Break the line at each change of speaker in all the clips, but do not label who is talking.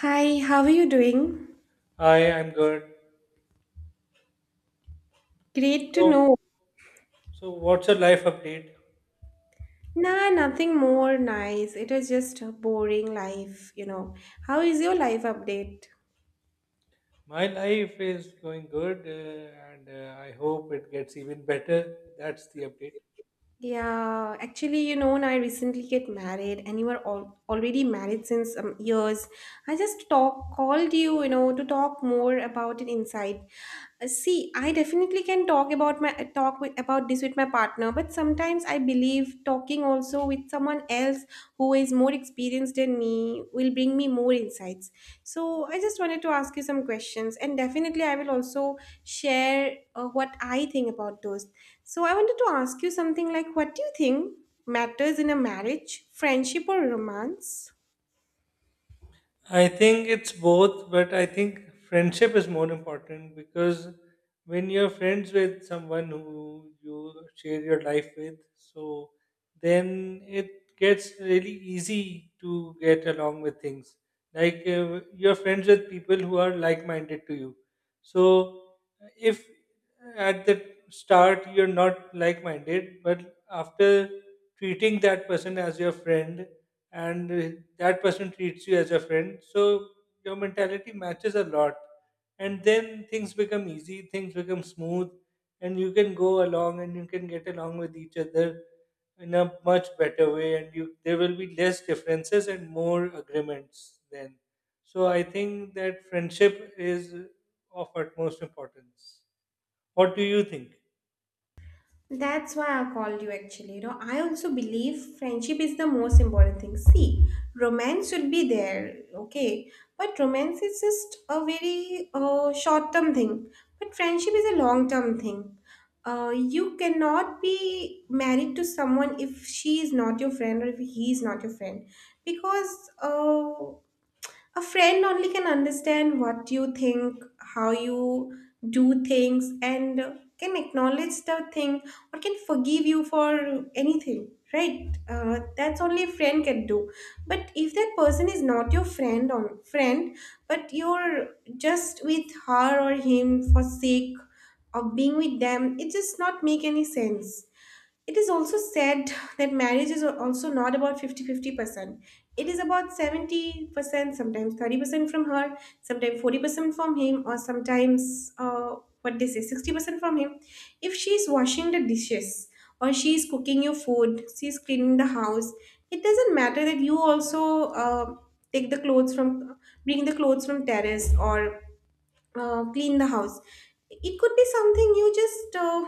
Hi, how are you doing?
Hi, I'm good.
Great to
So,
know.
so what's your life update?
Nah, nothing more nice. It is just a boring life, you know. How is your life update?
My life is going good, and I hope it gets even better. That's the update.
Yeah, actually, I recently get married, and you are all already married since years. I just talk called you, to talk more about an insight. See, I definitely can talk about my about this with my partner, but sometimes I believe talking also with someone else who is more experienced than me will bring me more insights. So I just wanted to ask you some questions, and definitely I will also share what I think about those. So I wanted to ask you something like, what do you think matters in a marriage, friendship or romance?
I think it's both, but I think friendship is more important because when you're friends with someone who you share your life with, so then it gets really easy to get along with things. Like you're friends with people who are like minded to you. So if at the start you're not like minded, but after treating that person as your friend and that person treats you as a friend, so your mentality matches a lot, and then things become easy, things become smooth, and you can go along and you can get along with each other in a much better way, and you there will be less differences and more agreements then. So I think that friendship is of utmost importance. What do you think?
That's why I called you actually. You know, I also believe friendship is the most important thing. See, romance should be there, okay? But romance is just a very short term thing. But friendship is a long term thing. You cannot be married to someone if she is not your friend or if he is not your friend. Because a friend only can understand what you think, how you do things, and can acknowledge the thing, or can forgive you for anything, right? That's only a friend can do. But if that person is not your friend or friend, but you're just with her or him for sake of being with them, it just not make any sense. It is also said that marriage is also not about 50 50 percent. It is about 70%, sometimes 30% from her, sometimes 40% from him, or sometimes what they say 60% from him. If she is washing the dishes, or she is cooking your food, she is cleaning the house, it doesn't matter that you also take the clothes from, bring the clothes from terrace or clean the house. It could be something you just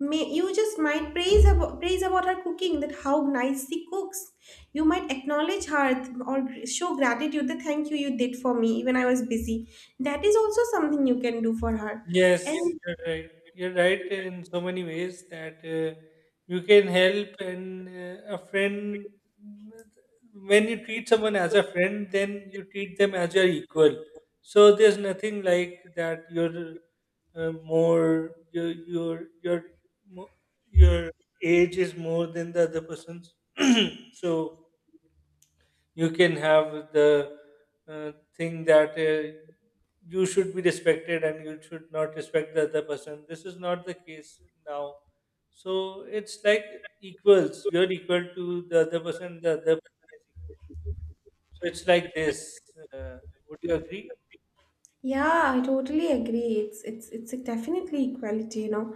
may you just might praise about her cooking, that how nice she cooks. You might acknowledge her, or show gratitude that thank you, you did for me when I was busy. That is also something you can do for her.
Yes,
And
you're right. You're right in so many ways that you can help and a friend. When you treat someone as a friend, then you treat them as your equal. So there's nothing like that. You're more your mo- your age is more than the other person's. So you can have the thing that you should be respected and you should not respect the other person. This is not the case now. So it's like equals. You're equal to the other person. The other person is equal to you. So it's like this. Uh, would you agree?
yeah, I totally agree. It's a definitely equality, you know,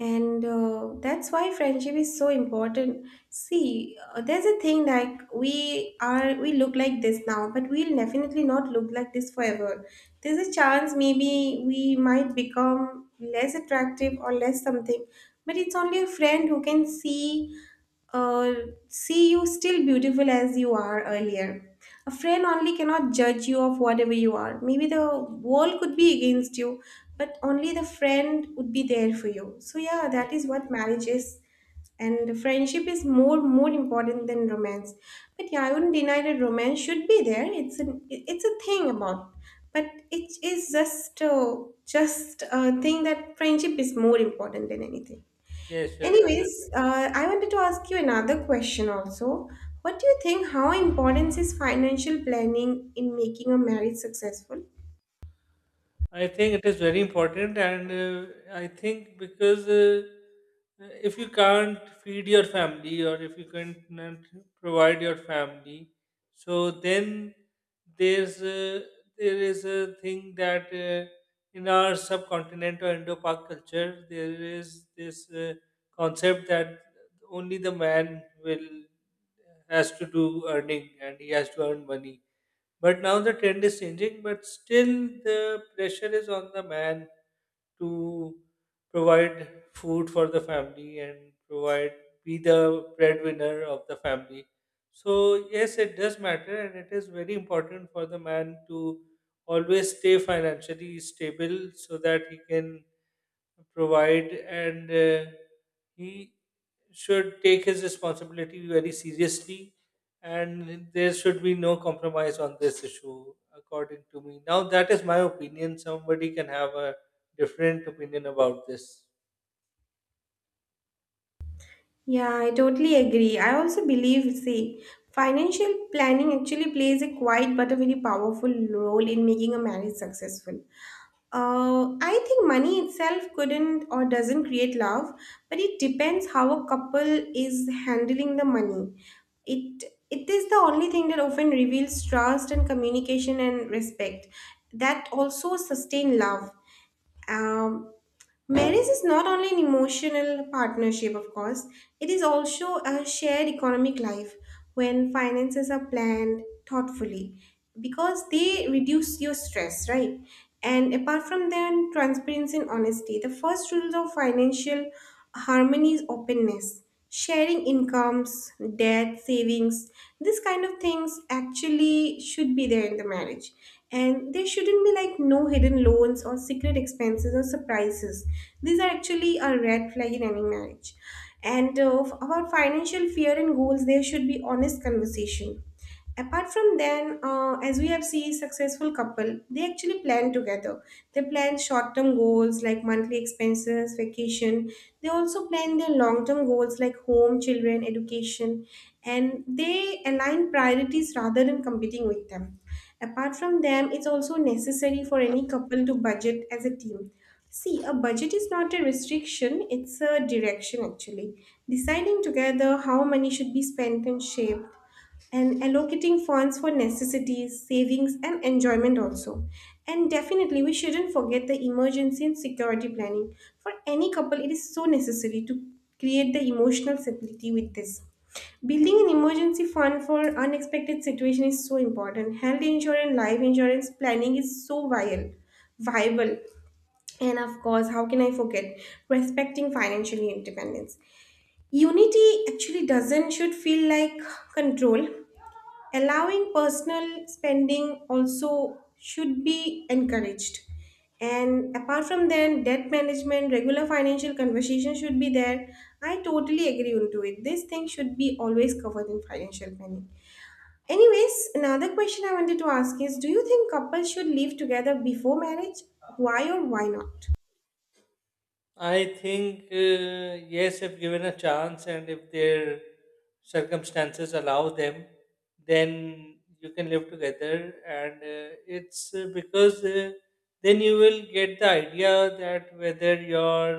and that's why friendship is so important. See, there's a thing like, we look like this now, but we'll definitely not look like this forever. There's a chance maybe we might become less attractive or less something, but it's only a friend who can see uh, see you still beautiful as you are earlier. A friend only cannot judge you of whatever you are. Maybe the world could be against you, but only the friend would be there for you. So yeah,
Yeah.
that is what marriage is. And friendship is more important than romance. But yeah, I wouldn't deny that romance should be there. It's a thing about, but it is just a thing that friendship is more important than anything.
Yes, you're right.
Anyways, I wanted to ask you another question also. What do you think? How important is financial planning in making a marriage successful?
I think it is very important, and I think because if you can't feed your family or if you can't not provide your family, so then there's a, there is a thing that in our subcontinent or Indo-Pak culture there is this concept that only the man will has to do earning and he has to earn money, but now the trend is changing, but still the pressure is on the man to provide food for the family and provide be the breadwinner of the family. So yes, it does matter, and it is very important for the man to always stay financially stable so that he can provide and he should take his responsibility very seriously, and there should be no compromise on this issue, according to me. Now that is my opinion, somebody can have a different opinion about this.
Yeah, I totally agree. I also believe, see, financial planning actually plays a quiet but a very powerful role in making a marriage successful. I think money itself couldn't or doesn't create love, but it depends how a couple is handling the money. It it is the only thing that often reveals trust and communication and respect that also sustain love. Um, Marriage is not only an emotional partnership, of course, it is also a shared economic life when finances are planned thoughtfully, because they reduce your stress, right? And apart from them, transparency and honesty. The first rule of financial harmony is openness. Sharing incomes, debt, savings, this kind of things actually should be there in the marriage, and there shouldn't be like no hidden loans or secret expenses or surprises. These are actually a red flag in any marriage. And about financial fear and goals, there should be honest conversation. Apart from then, as we have seen successful couple, they actually plan together. They plan short-term goals like monthly expenses, vacation. They also plan their long-term goals like home, children, education, and they align priorities rather than competing with them. Apart from them, it's also necessary for any couple to budget as a team. See, a budget is not a restriction, it's a direction actually. Deciding together how money should be spent and shaped, and allocating funds for necessities, savings, and enjoyment also. And definitely, we shouldn't forget the emergency and security planning. For any couple, it is so necessary to create the emotional stability with this. Building an emergency fund for unexpected situation is so important. Health insurance, life insurance planning is so vital, viable. And of course, how can I forget respecting financial independence? Unity actually doesn't should feel like control. Allowing personal spending also should be encouraged. And apart from that, debt management, regular financial conversation should be there. I totally agree onto it. This thing should be always covered in financial planning. Anyways, another question I wanted to ask is, do you think couples should live together before marriage? Why or why not?
I think yes, if given a chance and if their circumstances allow them, then you can live together. And it's because then you will get the idea that whether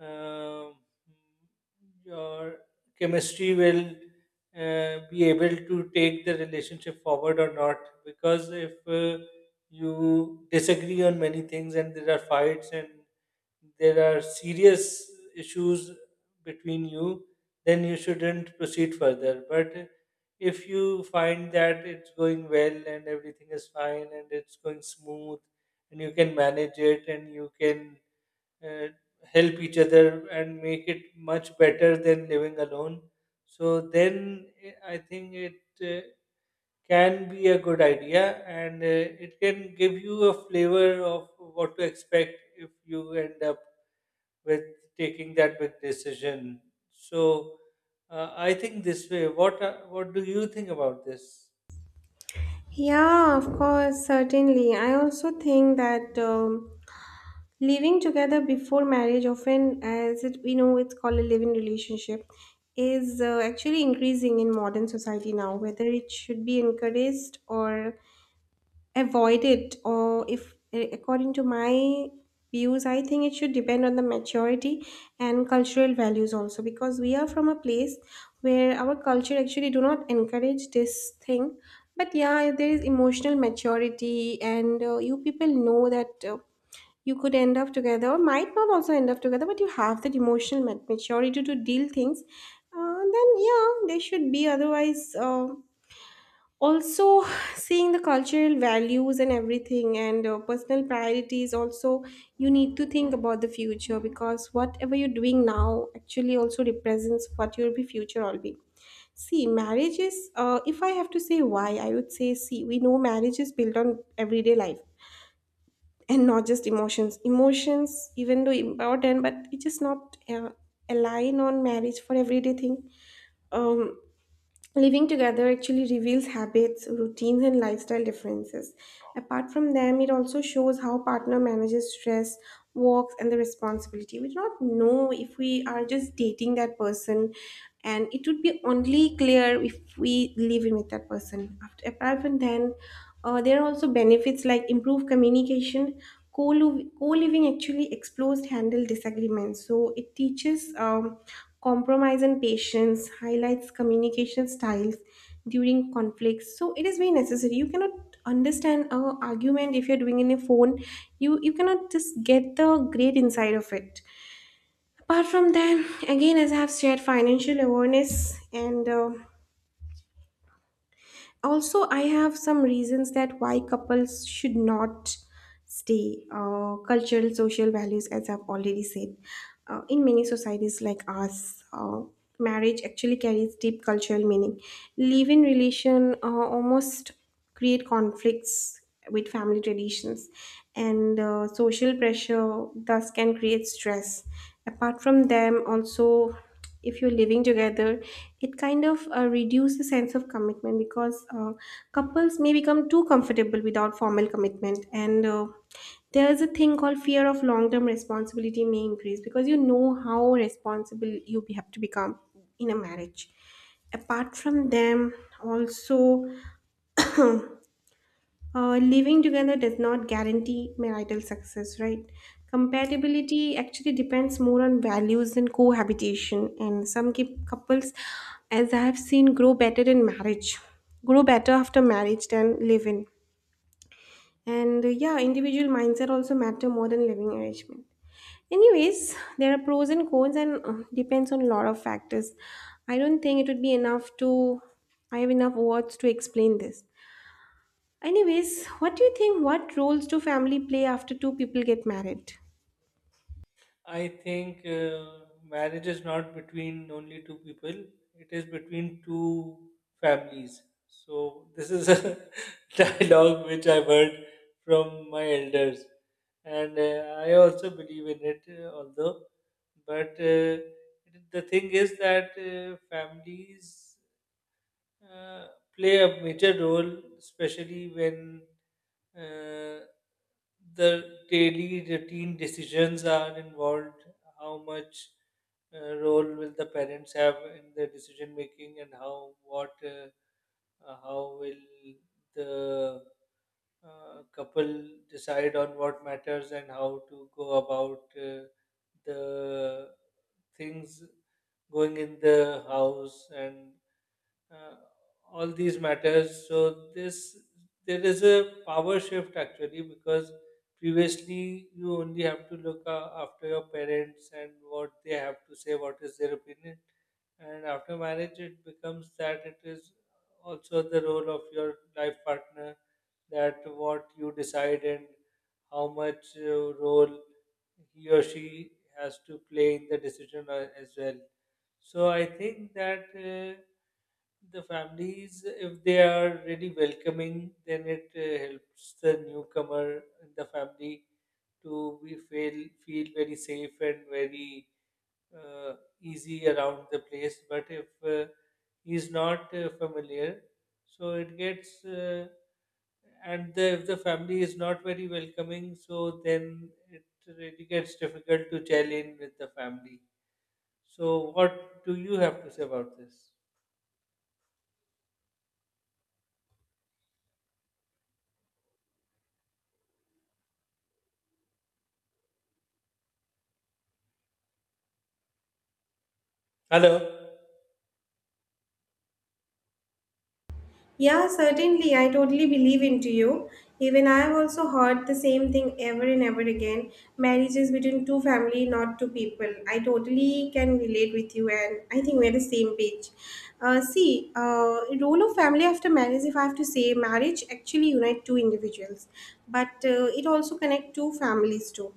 uh, um your chemistry will be able to take the relationship forward or not. Because if you disagree on many things and there are fights and there are serious issues between you, then you shouldn't proceed further. But if you find that it's going well and everything is fine and it's going smooth and you can manage it and you can uh, help each other and make it much better than living alone, so then I think it can be a good idea, and it can give you a flavor of what to expect if you end up with taking that big decision. So I think this way. What do you think about this?
Yeah, of course, certainly. I also think that living together before marriage, often as it, we know it's called a living relationship, is actually increasing in modern society now. Whether it should be encouraged or avoid it, or if eh, according to my views, I think it should depend on the maturity and cultural values also, because we are from a place where our culture actually do not encourage this thing. But yeah, there is emotional maturity and you people know that you could end up together or might not also end up together, but you have that emotional maturity to deal things, then yeah they should be. Otherwise also seeing the cultural values and everything, and personal priorities also, you need to think about the future, because whatever you're doing now actually also represents what your be future will be. See, marriage is if I have to say why, I would say, see, we know marriage is built on everyday life and not just emotions. Emotions even though important, but it is not align on marriage for everyday thing. um Living together actually reveals habits, routines, and lifestyle differences. Apart from them, it also shows how partner manages stress, works, and the responsibility. We do not know if we are just dating that person, and it would be only clear if we live in with that person. After apart from then, there are also benefits like improved communication. Co-living actually explores handle disagreements, so it teaches compromise and patience, highlights communication styles during conflicts. So it is very necessary, you cannot understand a argument if you're doing in a phone. You cannot just get the great inside of it. Apart from that, again, as I have shared, financial awareness, and also I have some reasons that why couples should not stay. Cultural social values, as I've already said, in many societies like us, marriage actually carries deep cultural meaning. Live-in relation almost create conflicts with family traditions, and social pressure thus can create stress. Apart from them, also if you're living together, it kind of reduces the sense of commitment, because couples may become too comfortable without formal commitment, and there's a thing called fear of long-term responsibility may increase, because you know how responsible you have to become in a marriage. Apart from them, also living together does not guarantee marital success, right? Compatibility actually depends more on values than cohabitation, and some keep couples, as I have seen, grow better in marriage, grow better after marriage than live in. And yeah, individual mindset also matter more than living arrangement. Anyways, there are pros and cons, and depends on a lot of factors. I don't think it would be enough to. I have enough words to explain this. Anyways, what do you think? What roles do family play after two people get married?
I think marriage is not between only two people. It is between two families. So this is a dialogue which I've heard from my elders, and I also believe in it. Although, but the thing is that families uh, play a major role, especially when uh, the daily routine decisions are involved. How much role will the parents have in the decision making, and how will the couple decide on what matters and how to go about the things going in the house and uh, all these matters. So this there is a power shift actually, because previously you only have to look after your parents and what they have to say, what is their opinion, and after marriage it becomes that it is also the role of your life partner that what you decide and how much role he or she has to play in the decision as well. So I think that. The families, if they are really welcoming, then it helps the newcomer and the family to be feel feel very safe and very uh, easy around the place. But if uh, he's not familiar, so it gets and the, if the family is not very welcoming, so then it really gets difficult to gel in with the family. So what do you have to say about this? Hello?
Yeah, certainly. I totally believe into you. Even I have also heard the same thing ever and ever again. Marriages between two family, not two people. I totally can relate with you, and I think we're the same page. See, role of family after marriage. If I have to say, marriage actually unite two individuals, but it also connect two families too.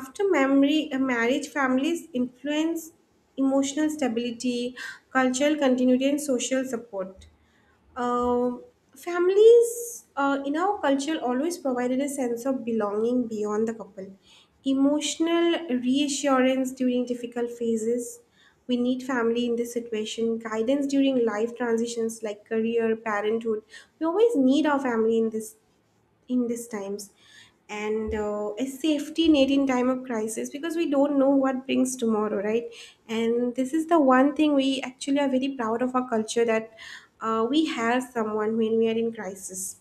After memory, marriage families influence emotional stability, cultural continuity, and social support. um, Families in our culture always provided a sense of belonging beyond the couple, emotional reassurance during difficult phases. We need family in this situation, guidance during life transitions like career, parenthood. We always need our family in this in these times, and a safety net in time of crisis because we don't know what brings tomorrow, right? And this is the one thing we actually are very proud of our culture, that we have someone when we are in crisis.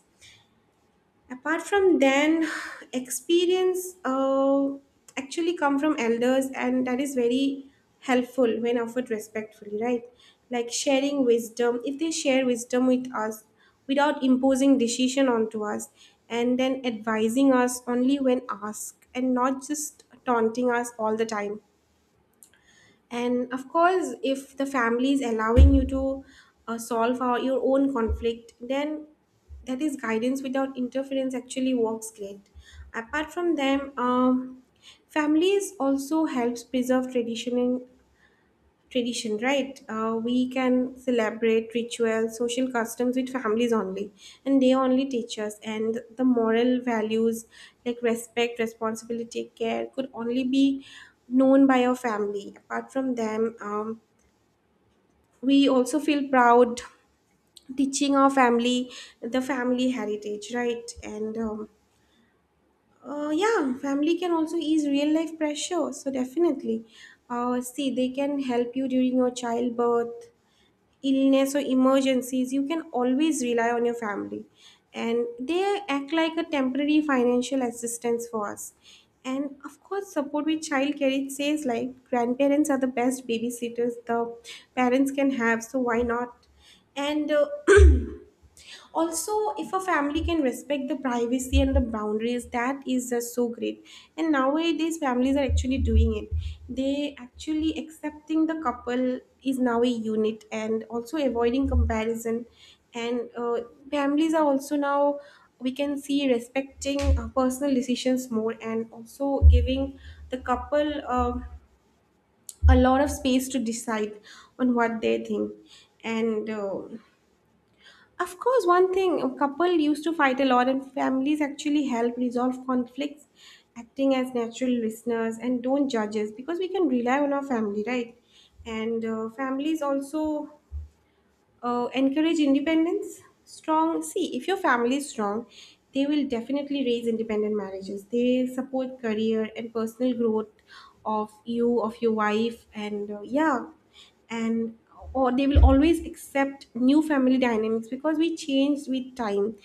Apart from then, experience actually come from elders, and that is very helpful when offered respectfully, right? Like sharing wisdom, if they share wisdom with us without imposing decision onto us, and then advising us only when asked and not just taunting us all the time. And of course, if the family is allowing you to solve your own conflict, then that is guidance without interference. Actually works great. Apart from them, families also helps preserve tradition and tradition, right? We can celebrate rituals, social customs with families only, and they only teach us. And the moral values like respect, responsibility, care could only be known by our family. Apart from them, we also feel proud teaching our family the family heritage, right? Family can also ease real life pressure. So definitely, see, they can help you during your childbirth, illness or emergencies. You can always rely on your family. And they act like a temporary financial assistance for us. And of course, support with childcare. It says like grandparents are the best babysitters the parents can have, so why not? And Also, if a family can respect the privacy and the boundaries, that is just so great. And nowadays families are actually doing it. They actually accepting the couple is now a unit, and also avoiding comparison. And Families are also now, we can see, respecting personal decisions more, and also giving the couple a lot of space to decide on what they think. And Of course, one thing a couple used to fight a lot, and families actually help resolve conflicts, acting as natural listeners and don't judge us, because we can rely on our family, right? And Families also encourage independence. Strong, see, if your family is strong, they will definitely raise independent marriages. They support career and personal growth of you, of your wife, and or they will always accept new family dynamics because we change with time.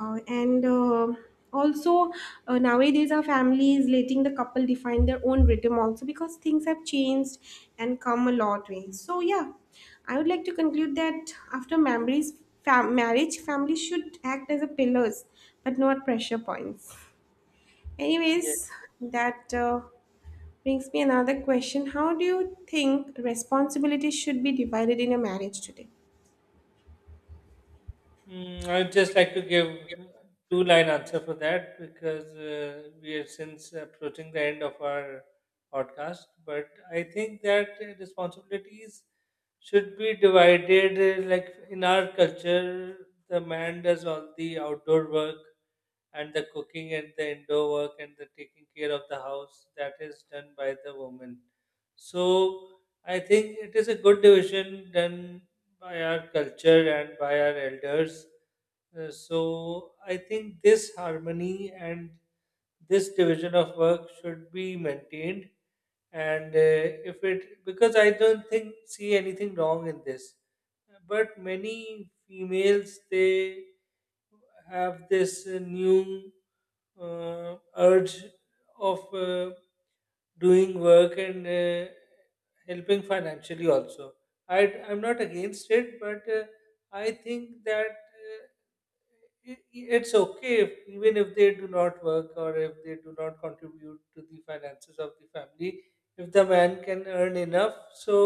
And Also, nowadays our families letting the couple define their own rhythm also, because things have changed and come a lot ways. So yeah, I would like to conclude that after memories, marriage family should act as a pillars but not pressure points. Anyways, that brings me another question. How do you think responsibilities should be divided in a marriage today?
Mm, I'd just like to give two line answer for that, because we are since approaching the end of our podcast. But I think that responsibilities should be divided. Like in our culture, the man does all the outdoor work and the cooking and the indoor work and the taking care of the house that is done by the woman. So I think it is a good division done by our culture and by our elders, so I think this harmony and this division of work should be maintained. And if it, because I don't think see anything wrong in this, but many females they have this new urge of doing work and helping financially also. I'm not against it, but I think that it's okay if, even if they do not work or if they do not contribute to the finances of the family, if the man can earn enough, so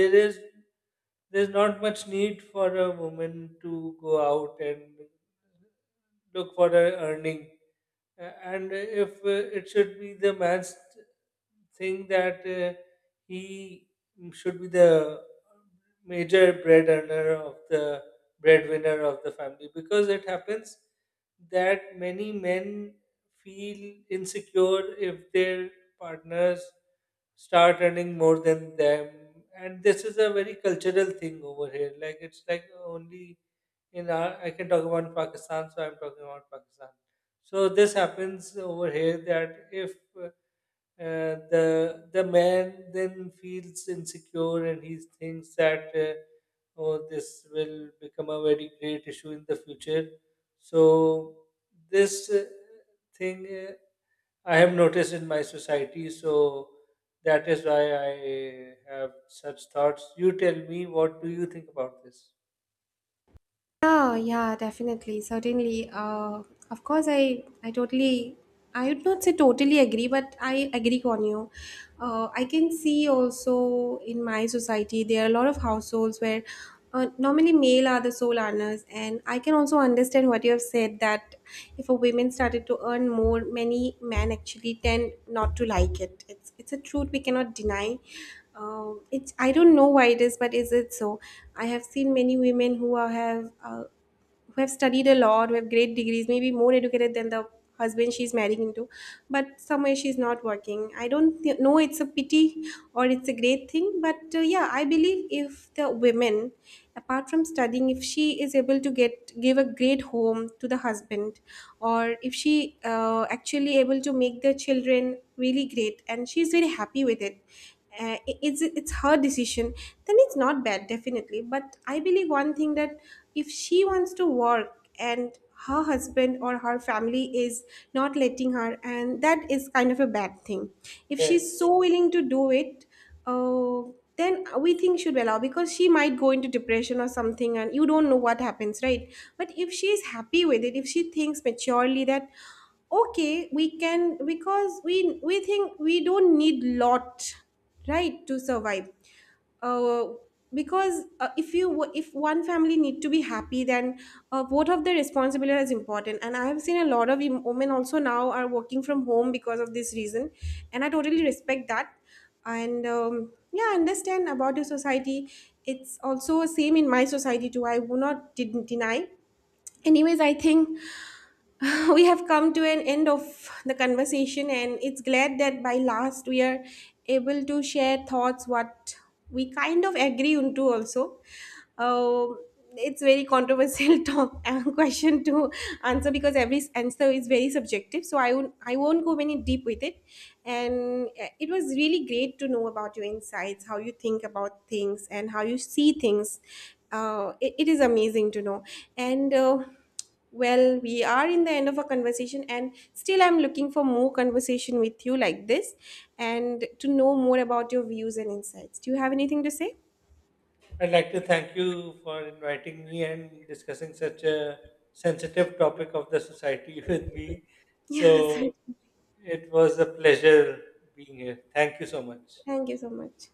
there is there's not much need for a woman to go out and look for a earning. And if It should be the man's thing that he should be the major bread earner of the breadwinner of the family, because it happens that many men feel insecure if their partners start earning more than them. And this is a very cultural thing over here, like it's like only in our, I can talk about Pakistan, so I'm talking about Pakistan. So this happens over here that if the man then feels insecure and he thinks that oh, this will become a very great issue in the future. So this thing I have noticed in my society. So that is why I have such thoughts. You tell me, what do you think about this?
Yeah, yeah, definitely, certainly. Of course, I totally, I would not say totally agree, but I agree on you. I can see also in my society there are a lot of households where normally male are the sole earners, and I can also understand what you have said, that if a woman started to earn more, many men actually tend not to like it. It's a truth we cannot deny. It's, I don't know why it is, but is it so? I have seen many women who are, have who have studied a lot, who have great degrees, maybe more educated than the husband she's marrying into, but somewhere she's not working. I don't know it's a pity or it's a great thing, but yeah, I believe if the women, apart from studying, if she is able to get give a great home to the husband, or if she actually able to make the children really great and she's very happy with it, it's her decision, then it's not bad definitely. But I believe one thing, that if she wants to work and her husband or her family is not letting her, and that is kind of a bad thing if she's
Yes.
so willing to do it. uh, then we think should allow, because she might go into depression or something, and you don't know what happens, right? But if she is happy with it, if she thinks maturely that okay, we can, because we think we don't need lot right to survive. Uh, because If you, if one family need to be happy, then both of the responsibility is important. And I have seen a lot of women also now are working from home because of this reason, and I totally respect that. And yeah, I understand about your society. It's also same in my society too. I will not, didn't deny. Anyways, I think we have come to an end of the conversation, and it's glad that by last we are able to share thoughts what we kind of agree on to also. um, it's very controversial talk, question to answer, because every answer is very subjective, so I won't go many deep with it. And It was really great to know about your insights, how you think about things and how you see things. It is amazing to know. And Well, we are in the end of a conversation, and still I'm looking for more conversation with you like this, and to know more about your views and insights. Do you have anything to say?
I'd like to thank you for inviting me and discussing such a sensitive topic of the society with me. So
Yes,
it was a pleasure being here. Thank you so much.
thank you so much.